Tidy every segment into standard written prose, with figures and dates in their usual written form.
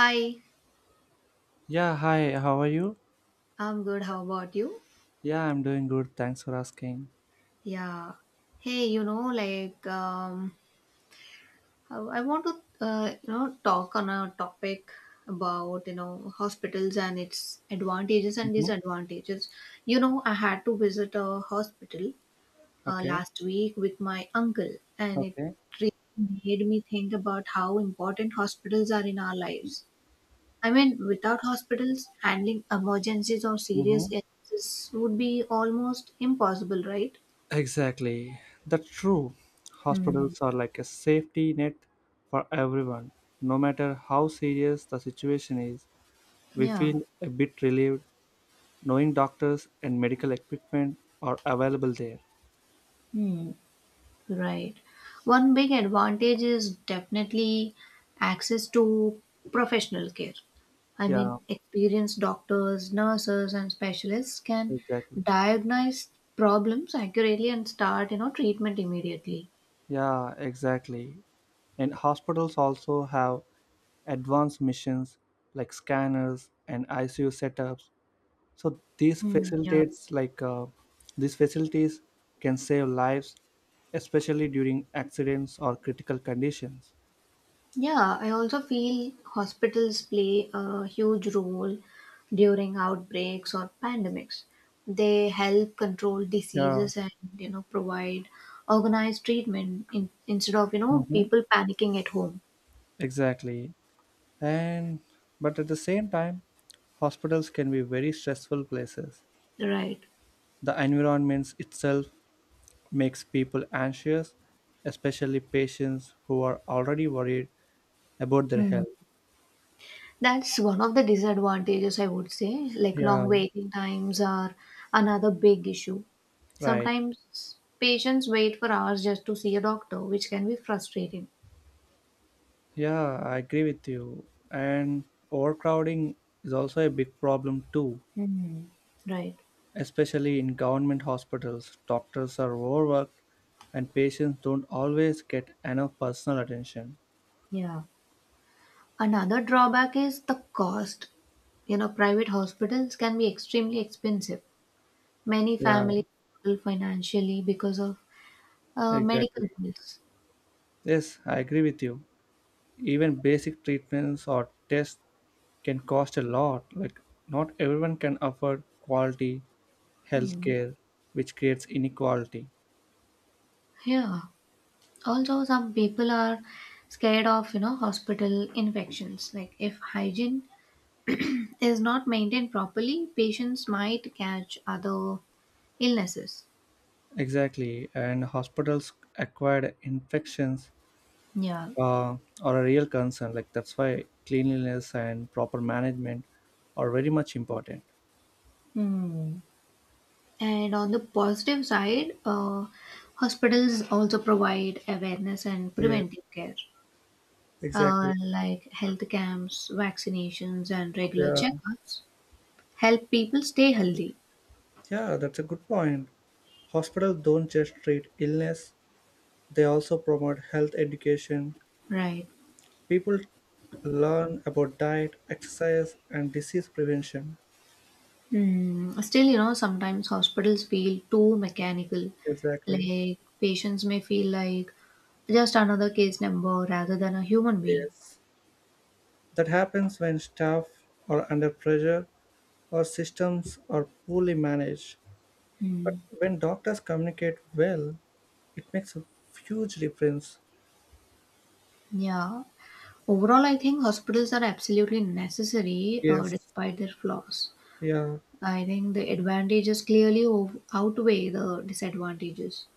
Hi, Yeah, hi, how are you? I'm good. How about you? Yeah, I'm doing good. Thanks for asking. Yeah. Hey, you know, like, I want to, talk on a topic about, hospitals and its advantages and Mm-hmm. disadvantages. You know, I had to visit a hospital Okay, last week with my uncle, and it okay. really made me think about how important hospitals are in our lives. I mean, without hospitals, handling emergencies or serious Mm-hmm. illnesses would be almost impossible, right? Exactly. That's true. Hmm. Hospitals are like a safety net for everyone. No matter how serious the situation is, we Yeah, feel a bit relieved knowing doctors and medical equipment are available there. hmm, right. One big advantage is definitely access to professional care. I Yeah, mean, experienced doctors, nurses, and specialists can exactly. diagnose problems accurately and start, treatment immediately. Yeah, exactly. And hospitals also have advanced missions like scanners and ICU setups, so these Hmm. Yeah, facilitates like these facilities can save lives, especially during accidents or critical conditions. yeah, I also feel hospitals play a huge role during outbreaks or pandemics. They help control Yeah. diseases and provide organized treatment in, instead of Hmm. people panicking at home. Exactly. And but at the same time, hospitals can be very stressful places. Right. The environment itself makes people anxious, especially patients who are already worried about their Hmm. health. That's one of the disadvantages I would say. Like Yeah. long waiting times are another big issue. Right. Sometimes patients wait for hours just to see a doctor, which can be frustrating. Yeah, I agree with you. And overcrowding is also a big problem too, Hmm. Right. especially in government hospitals. Doctors are overworked and patients don't always get enough personal attention. Yeah. Another drawback is the cost. You know, private hospitals can be extremely expensive. Many Yeah, families struggle financially because of exactly. medical bills. Yes, I agree with you. Even basic treatments or tests can cost a lot. Like, not everyone can afford quality Hmm. healthcare, which creates inequality. Yeah. Also, some people are scared of, hospital infections. Like if hygiene is not maintained properly, patients might catch other illnesses. Exactly, and hospitals acquired infections Yeah. Are a real concern. Like, that's why cleanliness and proper management are very much important. Hmm. And on the positive side, hospitals also provide awareness and Yes, preventive care, exactly. Like health camps, vaccinations, and regular Yeah, checkups help people stay healthy. yeah, that's a good point. Hospitals don't just treat illness, they also promote health education. Right. People learn about diet, exercise, and disease prevention. Hmm. Still, sometimes hospitals feel too mechanical. Exactly. Like patients may feel like just another case number rather than a human being. Yes. That happens when staff are under pressure or systems are poorly managed. Hmm. When doctors communicate well, it makes a huge difference. Yeah. Overall, I think hospitals are absolutely necessary Yes, despite their flaws. yeah, I think the advantages clearly outweigh the disadvantages.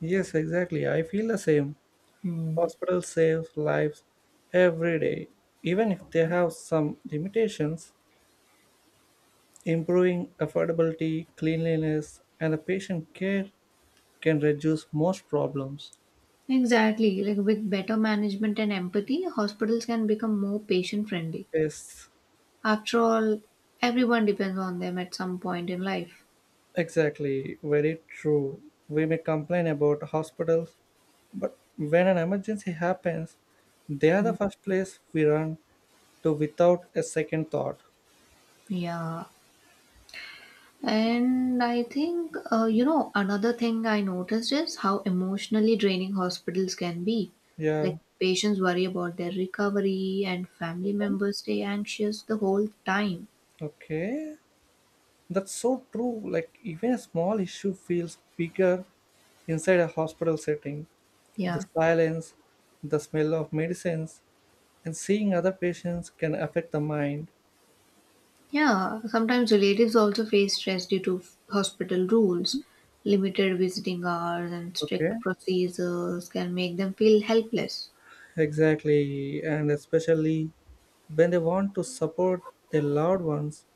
yes, exactly. I feel the same. Hmm. Hospitals save lives every day, even if they have some limitations. Improving affordability, cleanliness, and the patient care can reduce most problems. Exactly. Like with better management and empathy, hospitals can become more patient friendly. Yes, After all, everyone depends on them at some point in life. exactly. Very true. We may complain about hospitals, but when an emergency happens, they are the Hmm. first place we run to without a second thought. Yeah. And I think, another thing I noticed is how emotionally draining hospitals can be. Yeah, Like, patients worry about their recovery, and family members stay anxious the whole time. okay. That's so true. Like, even a small issue feels bigger inside a hospital setting. The Yeah. silence, the smell of medicines, and seeing other patients can affect the mind. Yeah, sometimes relatives also face stress due to hospital rules. Limited visiting hours and Okay. strict procedures can make them feel helpless. Exactly. And especially when they want to support their loved ones,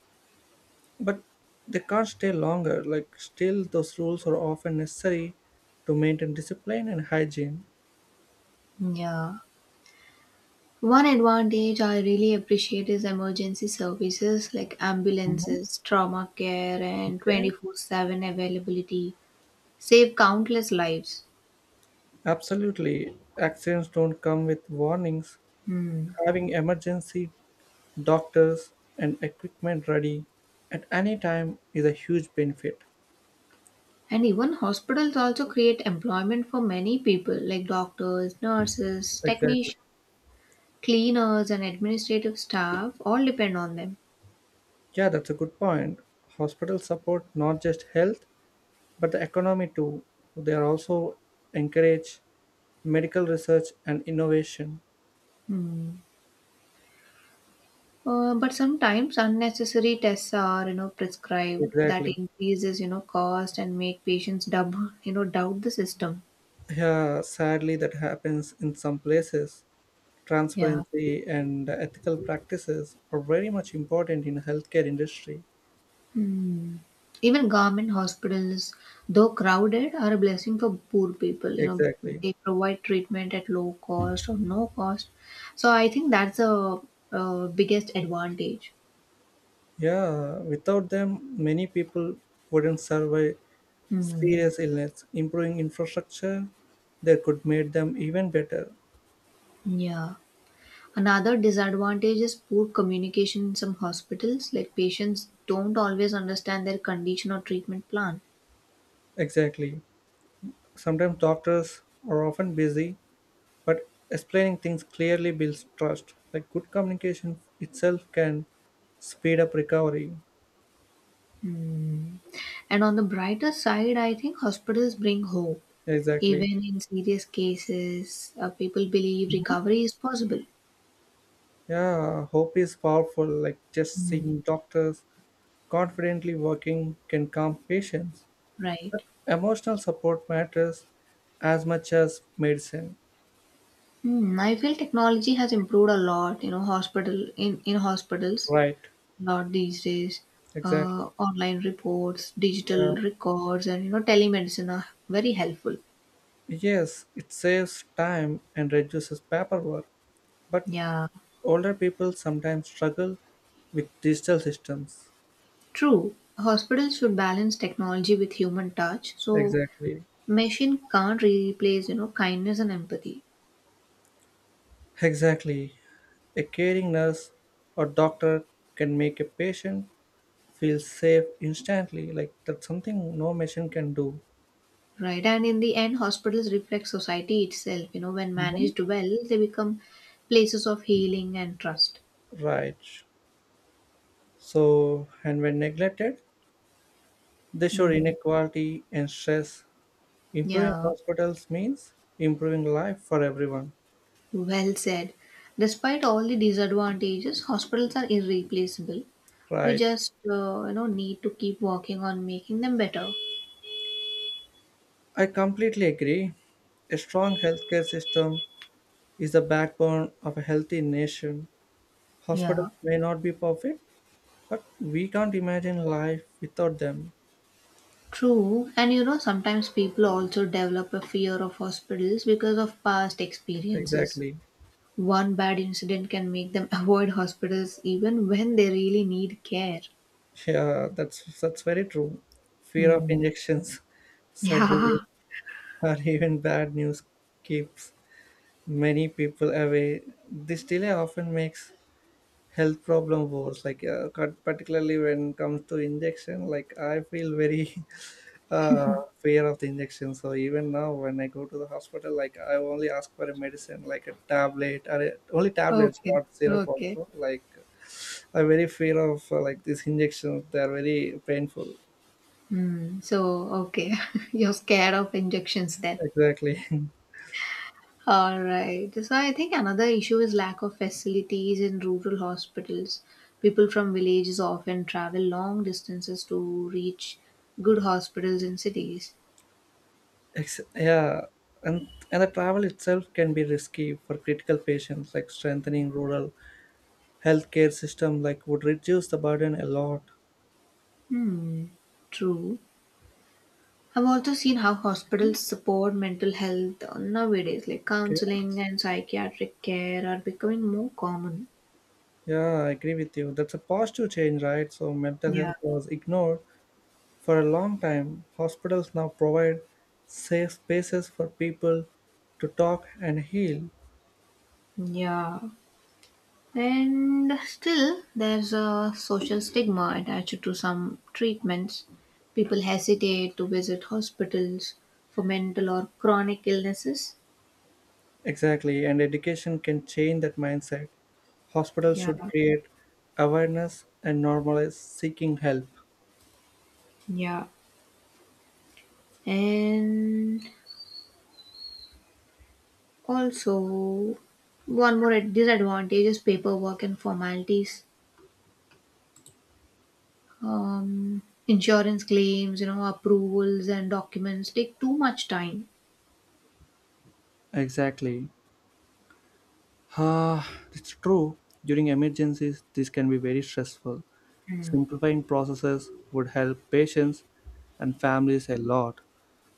but they can't stay longer. Like, still, those rules are often necessary to maintain discipline and hygiene. Yeah. One advantage I really appreciate is emergency services like Mhm. ambulances, trauma care, and Okay, 24/7 availability save countless lives. absolutely. Accidents don't come with warnings. Hmm. Having emergency doctors and equipment ready at any time is a huge benefit. And even hospitals also create employment for many people like doctors, nurses, Exactly. technicians, cleaners and administrative staff all depend on them. Yeah, that's a good point. Hospitals support not just health, but the economy too. They are also encourage medical research and innovation. Hmm. But sometimes unnecessary tests are prescribed that Exactly. increases cost and make patients dub you know doubt the system. Yeah, sadly, that happens in some places. Yeah. Transparency and ethical practices are very much important in healthcare industry. Hmm. Even government hospitals, though crowded, are a blessing for poor people. You know, Exactly. they provide treatment at low cost or no cost. So I think that's a, biggest advantage. Yeah, without them, many people wouldn't survive Hmm. serious illness. Improving infrastructure that could make them even better. Yeah. Another disadvantage is poor communication in some hospitals, like patients don't always understand their condition or treatment plan. Exactly. Sometimes doctors are often busy, but explaining things clearly builds trust. Like, good communication itself can speed up recovery. Hmm. And on the brighter side, I think hospitals bring hope. Exactly. Even in serious cases, people believe recovery is possible. Yeah, hope is powerful. Like, just Hmm. seeing doctors confidently working can calm patients. Right. Emotional support matters as much as medicine. Hmm. I feel technology has improved a lot. You know, hospital in hospitals Right. a lot these days. Exactly. Online reports, Yeah. digital records, and telemedicine are very helpful. Yes, it saves time and reduces paperwork. But Yeah, older people sometimes struggle with digital systems. true. Hospitals should balance technology with human touch. So Exactly. machine can't replace, kindness and empathy. Exactly. A caring nurse or doctor can make a patient feels safe instantly, like that's something no machine can do. Right. And in the end, hospitals reflect society itself. You know, when Mhm. managed well, they become places of healing and trust. Right. So, and when neglected, they show Hmm. inequality and stress. Improving Yeah, hospitals means improving life for everyone. well said. Despite all the disadvantages, hospitals are irreplaceable. We Right. just, need to keep working on making them better. I completely agree. A strong healthcare system is the backbone of a healthy nation. Yeah. Hospitals may not be perfect, but we can't imagine life without them. True, and sometimes people also develop a fear of hospitals because of past experiences. Exactly. One bad incident can make them avoid hospitals even when they really need care. Yeah, that's very true. Fear of Hmm. injections, surgeries, Yeah. or even bad news keeps many people away. This delay often makes health problem worse. Like, particularly when it comes to injection, like I feel very uh, fear of the injection. So even now, when I go to the hospital, like I only ask for a medicine, like a tablet, or only tablets, Okay. not syrup. Okay. Also, like I very fear of like this injection. They are very painful. Hmm. So, okay. You're scared of injections then. Exactly. All right. So, I think another issue is lack of facilities in rural hospitals. People from villages often travel long distances to reach good hospitals in cities. Yeah, and the travel itself can be risky for critical patients. Like, strengthening rural healthcare system, like, would reduce the burden a lot. Hmm, true. I've also seen how hospitals support mental health nowadays, like Okay. counseling and psychiatric care are becoming more common. Yeah, I agree with you. That's a positive change, right? So mental Yeah, health was ignored for a long time. Hospitals now provide safe spaces for people to talk and heal. yeah. And still, there's a social stigma attached to some treatments. People hesitate to visit hospitals for mental or chronic illnesses. Exactly, and education can change that mindset. Hospitals Yeah, should create awareness and normalize seeking help. yeah. And also, one more disadvantage is paperwork and formalities. Um, insurance claims, approvals and documents take too much time. Exactly. Ah, it's true. During emergencies, this can be very stressful. Mm. Simplifying processes would help patients and families a lot.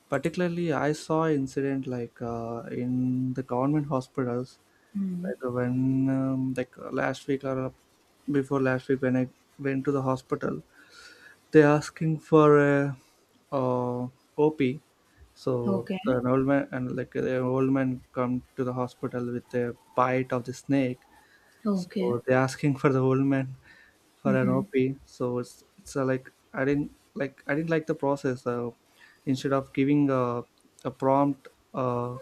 Particularly, I saw incident in the government hospitals, Mm. like when like last week or before last week when I went to the hospital. They're asking for a uh, OP, so Okay. The old man come to the hospital with a bite of the snake. Okay. So they're asking for the old man for an Mm-hmm. OP. So it's I didn't like the process. Instead of giving a prompt uh,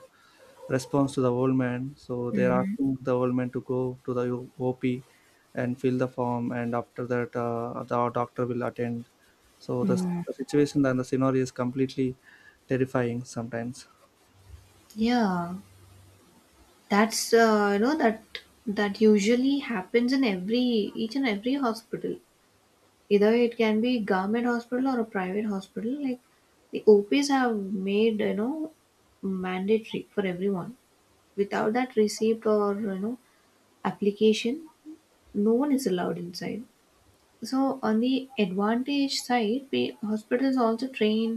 response to the old man, so they're Mm-hmm. asking the old man to go to the OP and fill the form, and after that the doctor will attend. So the, Mm. the situation and the scenario is completely terrifying sometimes. Yeah. That's that usually happens in every each and every hospital. Either it can be government hospital or a private hospital. Like the OPs have made mandatory for everyone, without that receipt or application no one is allowed inside. So on the advantage side, we hospitals also train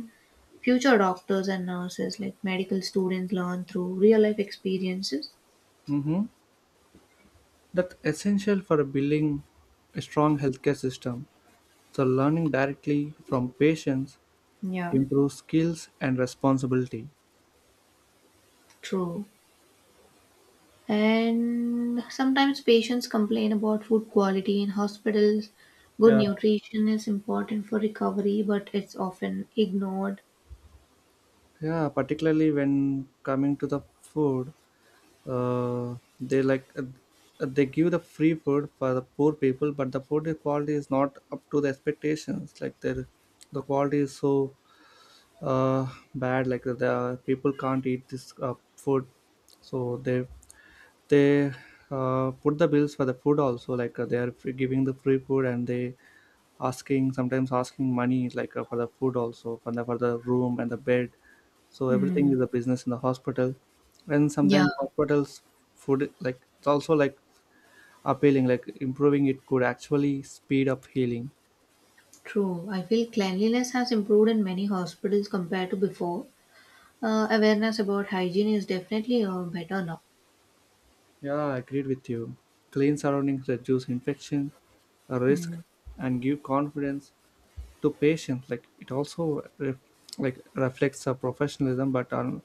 future doctors and nurses, like medical students learn through real life experiences. Mm-hmm. That's essential for building a strong healthcare system. So learning directly from patients Yeah, improve skills and responsibility. true. And sometimes patients complain about food quality in hospitals. Good Yeah. nutrition is important for recovery, but it's often ignored. Yeah, particularly when coming to the food uh, they like uh, they give the free food for the poor people, but the food quality is not up to the expectations. Like, the quality is so uh, bad. Like, the people can't eat this food. So they put the bills for the food also, like they are free, giving the free food, and they asking, sometimes asking money, like for the food also for the room and the bed. So everything Hmm. is a business in the hospital. And Yeah. sometimes hospitals food, like it's also like appealing, like, improving it could actually speed up healing. True. I feel cleanliness has improved in many hospitals compared to before. Awareness about hygiene is definitely better now. Yeah, I agreed with you. Clean surroundings reduce infection risk Hmm. and give confidence to patients, like it also like reflects a professionalism. but on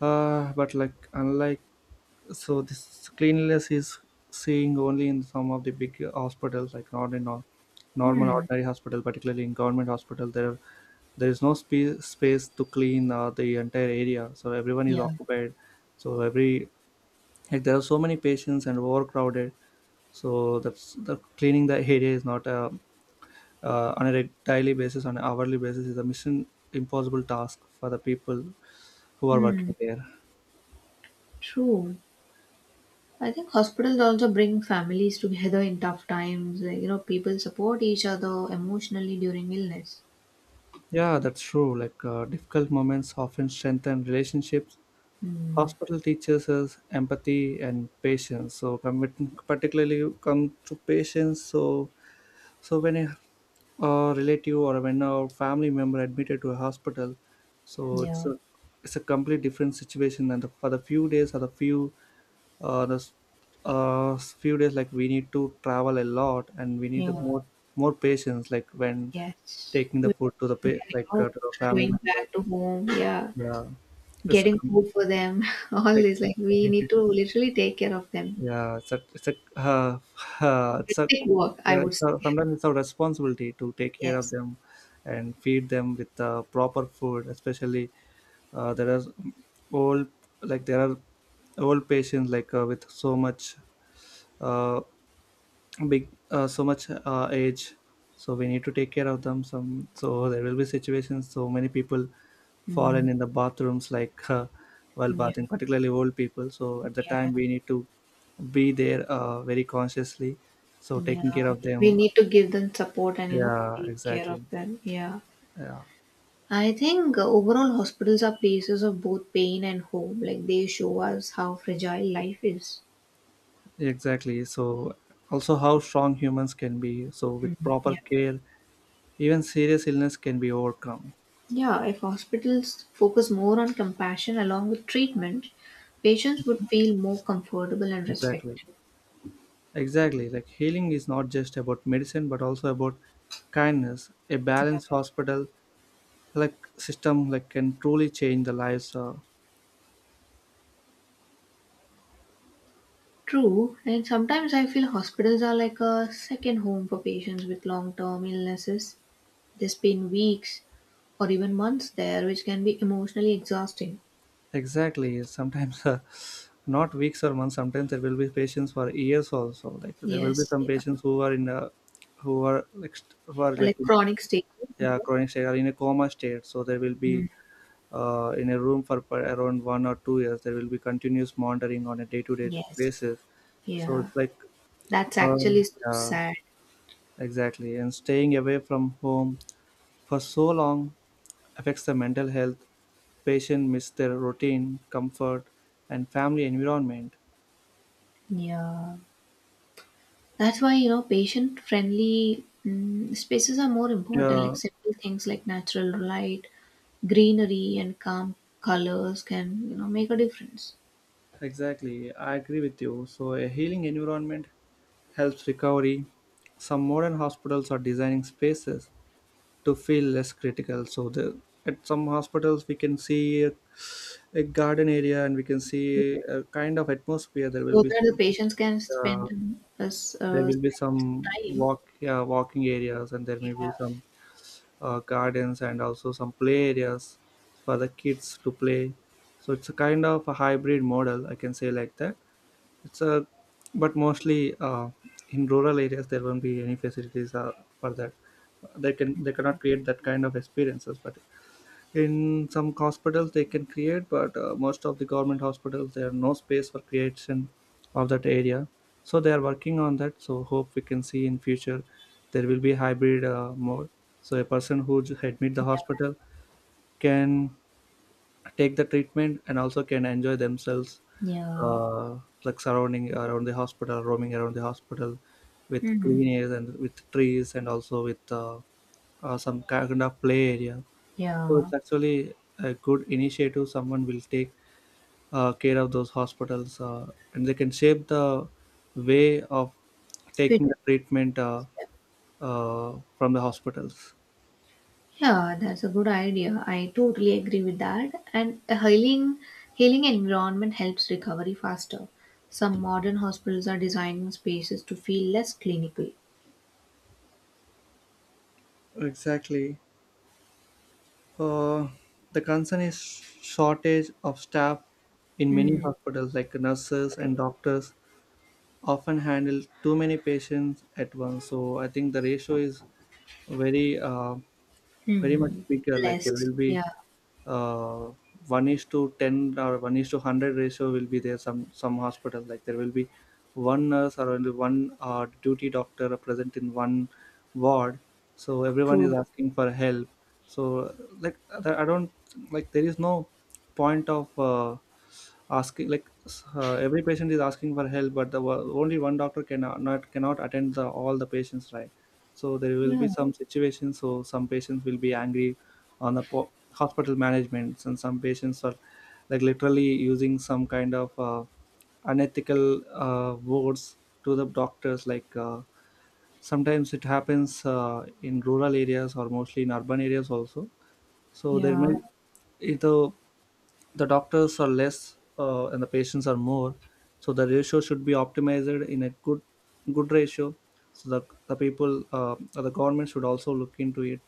uh, but like, unlike, so this cleanliness is seeing only in some of the big hospitals, like not in a normal Hmm. ordinary hospital, particularly in government hospital. There is no space to clean the entire area, so everyone is Yeah. occupied. So every like there are so many patients and overcrowded, so that's, the cleaning the area is not a on a daily basis on an hourly basis, is a mission impossible task for the people who are Hmm. working there. True. I think hospitals also bring families together in tough times. Like, people support each other emotionally during illness. Yeah, that's true. Like, difficult moments often strengthen relationships. Hmm. Hospital teaches us empathy and patience. So particularly you come to patients. So when a relative, or when a family member admitted to a hospital, so it's Yeah. a it's a complete different situation. And for the few days or the few uh, the s- few days, like, we need to travel a lot, and we need a Yeah. more patience. Like, when Yes. taking the food you know, to the family going members. back to home. Yeah. Yeah, it's a Getting com- food for them. All this. Like, we exactly. need to literally take care of them. Yeah, it's a Hectic work, I would say. Sometimes it's our responsibility to take care of Yes. them and feed them with proper food. Especially, uh, there are old there are old patients, like with so much uh, big so much age, so we need to take care of them some so there will be situations, so many people fallen Mm, in the bathrooms, like while yeah, bathing, particularly old people, so at the yeah, time we need to be there very consciously, so taking yeah. care of We them. need to give them support and, Yeah, take care of exactly. them. Yeah. Yeah, I think overall hospitals are places of both pain and hope. Like they show us how fragile life is. exactly. So, also how strong humans can be, so with Mhm. proper Yeah. care even serious illness can be overcome. Yeah. If hospitals focus more on compassion along with treatment, patients would feel more comfortable and Exactly. respected. Exactly. Like, healing is not just about medicine, but also about kindness. A balanced hospital like system, like, can truly change the lives. True, and sometimes I feel hospitals are like a second home for patients with long term illnesses. They spend weeks or even months there, which can be emotionally exhausting. Exactly. Sometimes not weeks or months. Sometimes there will be patients for years also. Like, there will be Yes, some yeah. patients who are in a who are like who are Or like like chronic stages. yeah, chronic state or in a coma state. So there will be Mm, in a room for around 1 or 2 years. There will be continuous monitoring on a day-to-day yes, basis. So yeah. it's like, That's uh, actually so yeah. sad. Exactly. And staying away from home for so long affects the mental health. Patients miss their routine, comfort, and family environment. Yeah. That's why, patient friendly spaces are more important, like Yeah, simple things like natural light, greenery, and calm colors can, make a difference. exactly. I agree with you. So, a healing environment helps recovery. Some modern hospitals are designing spaces to feel less critical. So, at some hospitals, we can see a garden area, and we can see a kind of atmosphere. There will So be that the patients can uh, spend some time. Walking areas, and there Yeah, may be some gardens and also some play areas for the kids to play. So it's a kind of a hybrid model, I can say like that. It's a but mostly, in rural areas there won't be any facilities for that. They cannot create that kind of experiences, but in some hospitals they can create. But most of the government hospitals, there are no space for creation of that area. So they are working on that, so hope we can see in future there will be hybrid mode. So a person who admit the yeah, hospital can take the treatment and also can enjoy themselves, yeah. uh, like surrounding around the hospital, roaming around the hospital with Hmm. clean air and with trees and also with some kind of play area. So Yeah. it's actually a good initiative. Someone will take care of those hospitals, and they can shape the way of Fit- taking the treatment from the hospitals. Yeah, that's a good idea. I totally agree with that. And a healing environment helps recovery faster. Some modern hospitals are designing spaces to feel less clinical. Exactly. Uh, the concern is shortage of staff in many Hmm. hospitals, like nurses and Right. doctors often handle too many patients at once. So I think the ratio is very, very much Hmm. bigger. Like there Less. will be Yeah. uh, 1 is to 10 or 1 is to 100 ratio will be there. Some hospital, like there will be one nurse or only one duty doctor present in one ward. So everyone is True. asking for help. So, like, I don't, like there is no point of asking, like every patient is asking for help, but the only one doctor cannot attend the all the patients, right? So there will Yeah. be some situations, so some patients will be angry on the hospital management, and some patients are like literally using some kind of unethical words to the doctors, like sometimes it happens in rural areas or mostly in urban areas also. So there may Yeah. either the doctors are less and the patients are more. So the ratio should be optimized in a good ratio. So the people, the government should also look into it,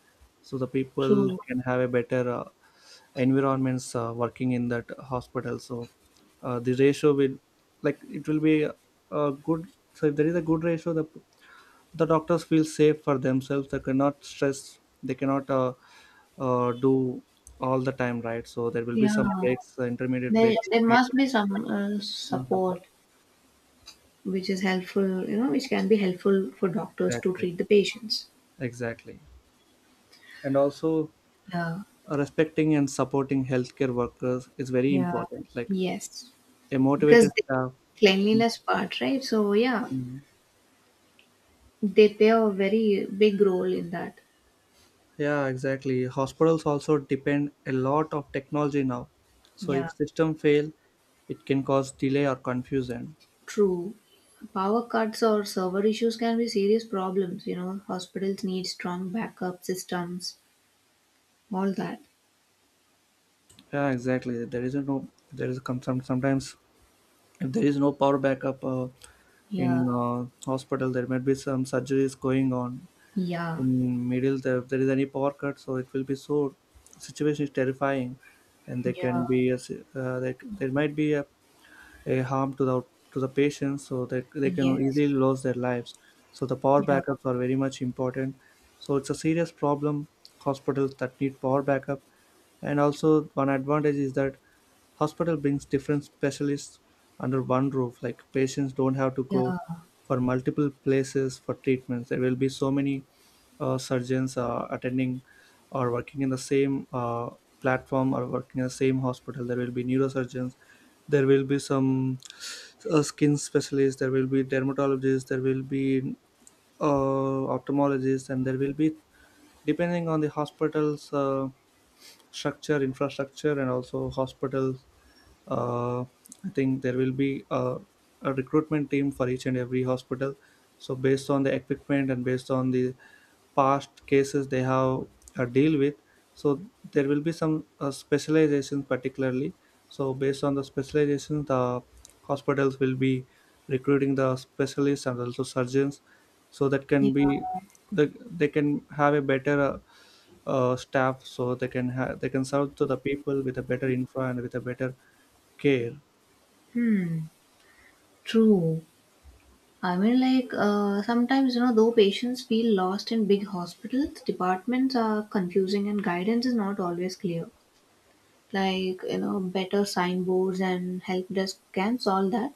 so the people True. can have a better environments working in that hospital. So the ratio will, like it will be a good. So if there is a good ratio, the doctors feel safe for themselves, they cannot stress, they cannot do all the time, right? So there will be some Yeah. breaks, intermediate There, breaks. there must be some Mhm. support which is helpful, which can be helpful for doctors to Exactly, treat the patients. exactly, and also Yeah. Respecting and supporting healthcare workers is very Yeah. important, like Yes, a motivated because the staff. cleanliness part, right? So yeah, Mhm. they play a very big role in that. Yeah, exactly, hospitals also depend a lot of technology now, so if Yeah. system fail, it can cause delay or confusion. True. Power cuts or server issues can be serious problems. Hospitals need strong backup systems, all that. Yeah, exactly. There is a some sometimes if there is no power backup in Yeah. Hospital, there might be some surgeries going on Yeah. in middle. If there is any power cut, so it will be so situation is terrifying, and there Yeah. can be a, there might be a harm to the patients so that they can Yes. easily lose their lives. So the power Yeah. backups are very much important. So it's a serious problem, hospitals that need power backup. And also one advantage is that hospital brings different specialists under one roof, like patients don't have to go Yeah. for multiple places for treatments. There will be so many surgeons attending or working in the same platform, or working in the same hospital. There will be neurosurgeons, there will be some skin specialists, there will be dermatologists, there will be ophthalmologists, and there will be, depending on the hospital's structure, infrastructure, and also hospitals, uh, I think there will be a recruitment team for each and every hospital. So based on the equipment and based on the past cases they have deal with, so there will be some specialization particularly. So based on the specialization, the hospitals will be recruiting the specialists and also surgeons. So that Yeah. can be the, they can have a better staff, so they they can serve to the people with a better infra and with a better care. Hmm. True. I mean, like, sometimes, though patients feel lost in big hospitals, departments are confusing and guidance is not always clear. Like, better signboards and help desk can solve that.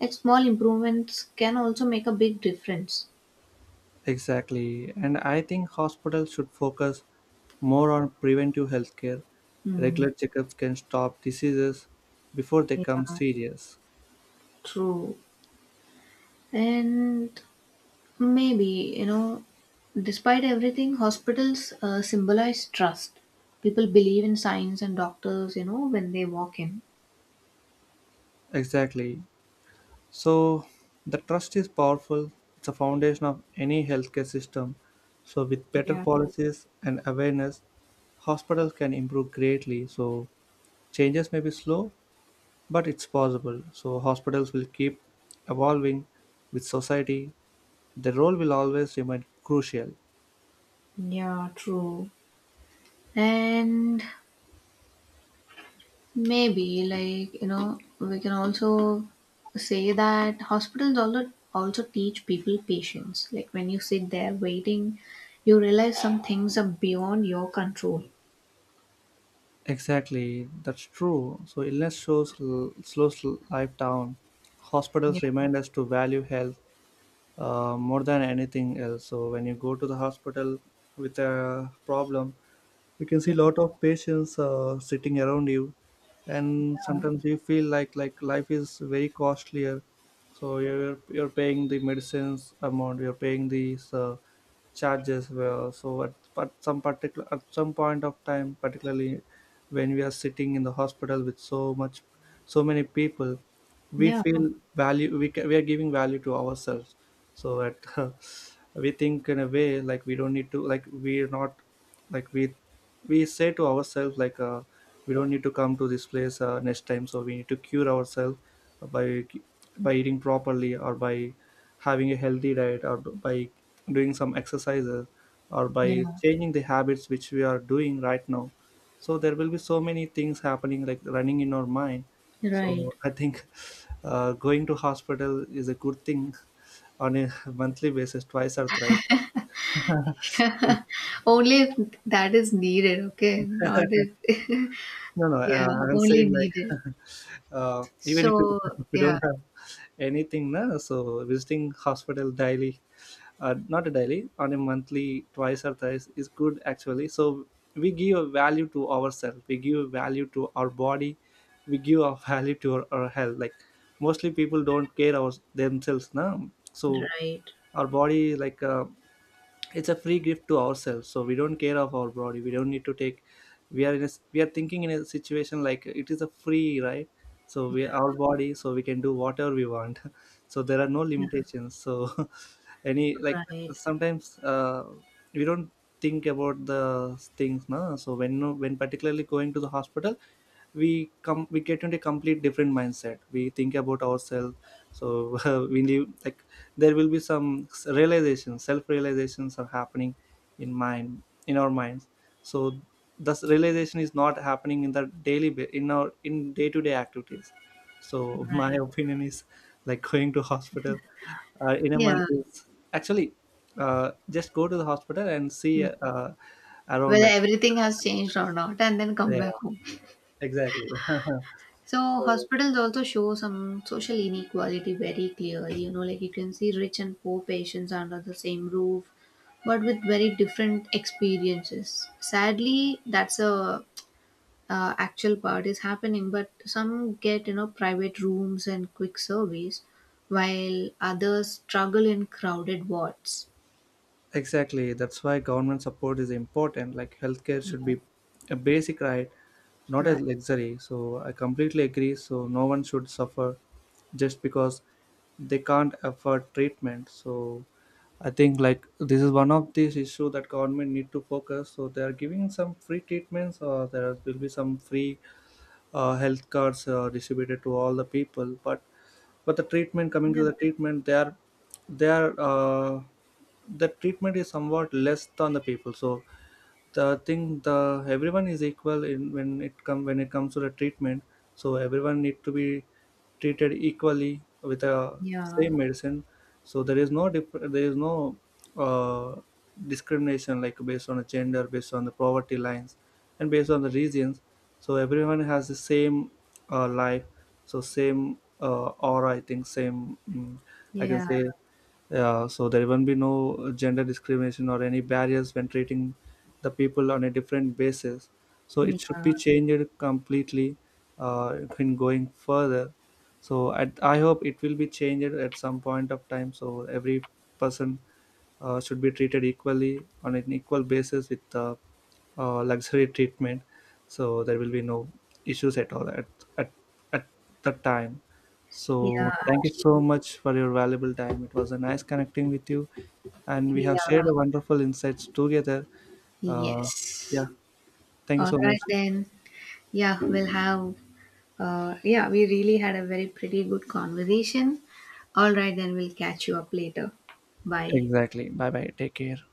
Like, small improvements can also make a big difference. Exactly. And I think hospitals should focus more on preventive healthcare. Hmm. Regular checkups can stop diseases before they become Yeah, serious. true. And maybe, you know, despite everything, hospitals symbolize trust. People believe in science and doctors, when they walk in. Exactly. So the trust is powerful. It's a foundation of any healthcare system. So with better Yeah. policies and awareness, hospitals can improve greatly. So changes may be slow, but it's possible. So hospitals will keep evolving with society. Their role will always remain crucial. Yeah, true. And maybe like, we can also say that hospitals also teach people patience. Like when you sit there waiting, you realize some things are beyond your control. Exactly, that's true. So illness slows life down. Hospitals Yeah, remind us to value health, more than anything else. So when you go to the hospital with a problem, you can see a lot of patients sitting around you, and sometimes you feel like life is very costlier, so you're paying the medicines amount, you're paying these charges well. So at some particular, at some point of time particularly when we are sitting in the hospital with so much, so many people, we yeah, feel value, we are giving value to ourselves. So at we think in a way like we don't need to, like we're not, like we say to ourselves like, we don't need to come to this place next time. So we need to cure ourselves uh, by by eating properly, or by having a healthy diet, or by doing some exercises, or by yeah, changing the habits which we are doing right now. So there will be so many things happening, like running in our mind. right. So I think going to hospital is a good thing on a monthly basis, twice or thrice. Only if that is needed, okay? Not if No, no, yeah, I'm only saying needed. like even if you, So if you yeah, don't have anything na, so visiting hospital daily, not a daily, on a monthly twice or thrice is good actually. So we give a value to ourselves, we give a value to our body, we give a value to our health. Like mostly people don't care themselves now. So right. our body, like, it's a free gift to ourselves, so we don't care of our body, we don't need to take. We are in a, we are thinking in a situation like it is a free right. So we our Yeah, body, so we can do whatever we want. So there are no yeah, limitations, so any like right, sometimes we don't think about the things, no. So when particularly going to the hospital, we come, we get into a complete different mindset, we think about ourselves. So we live like there will be some realization, self realizations are happening in mind, in our minds. So this realization is not happening in the daily in our in day to day activities. So my right. opinion is like going to hospital in a month Yeah. is actually, just go to the hospital and see Hmm. Around, Whether like everything has changed or not, and then come back yeah, home. exactly. So So hospitals also show some social inequality very clearly. You know, like you can see rich and poor patients under the same roof, but with very different experiences. Sadly, that's a actual part is happening, but some get private rooms and quick service, while others struggle in crowded wards. exactly, that's why government support is important. Like healthcare should Yeah. be a basic right, not a Right. luxury. So I completely agree. So no one should suffer just because they can't afford treatment. So I think like this is one of these issue that government need to focus. So they are giving some free treatments, or there will be some free health cards distributed to all the people. But the treatment coming to Yeah. the treatment they are they are uh, the treatment is somewhat less than the people. So the thing, the everyone is equal in, when it comes to the treatment, so everyone need to be treated equally with a Yeah. same medicine. So there is no there is no uh, discrimination like, based on the gender, based on the poverty lines, and based on the regions. So everyone has the same life, so same aura, I think, same I can Yeah. say. Yeah, so there won't be no gender discrimination or any barriers when treating the people on a different basis. So it should Yeah. be changed completely in going further. So I hope it will be changed at some point of time. So every person should be treated equally on an equal basis with luxury treatment. So there will be no issues at all at at, at that time. So Yeah. thank you so True. much for your valuable time, it was a nice connecting with you, and we have Yeah, shared a wonderful insights together. uh, yeah, yes. thank you All so much. right then. Yeah, we'll have yeah, we really had a very pretty good conversation. All right then, we'll catch you up later. Bye. Exactly, bye bye, take care.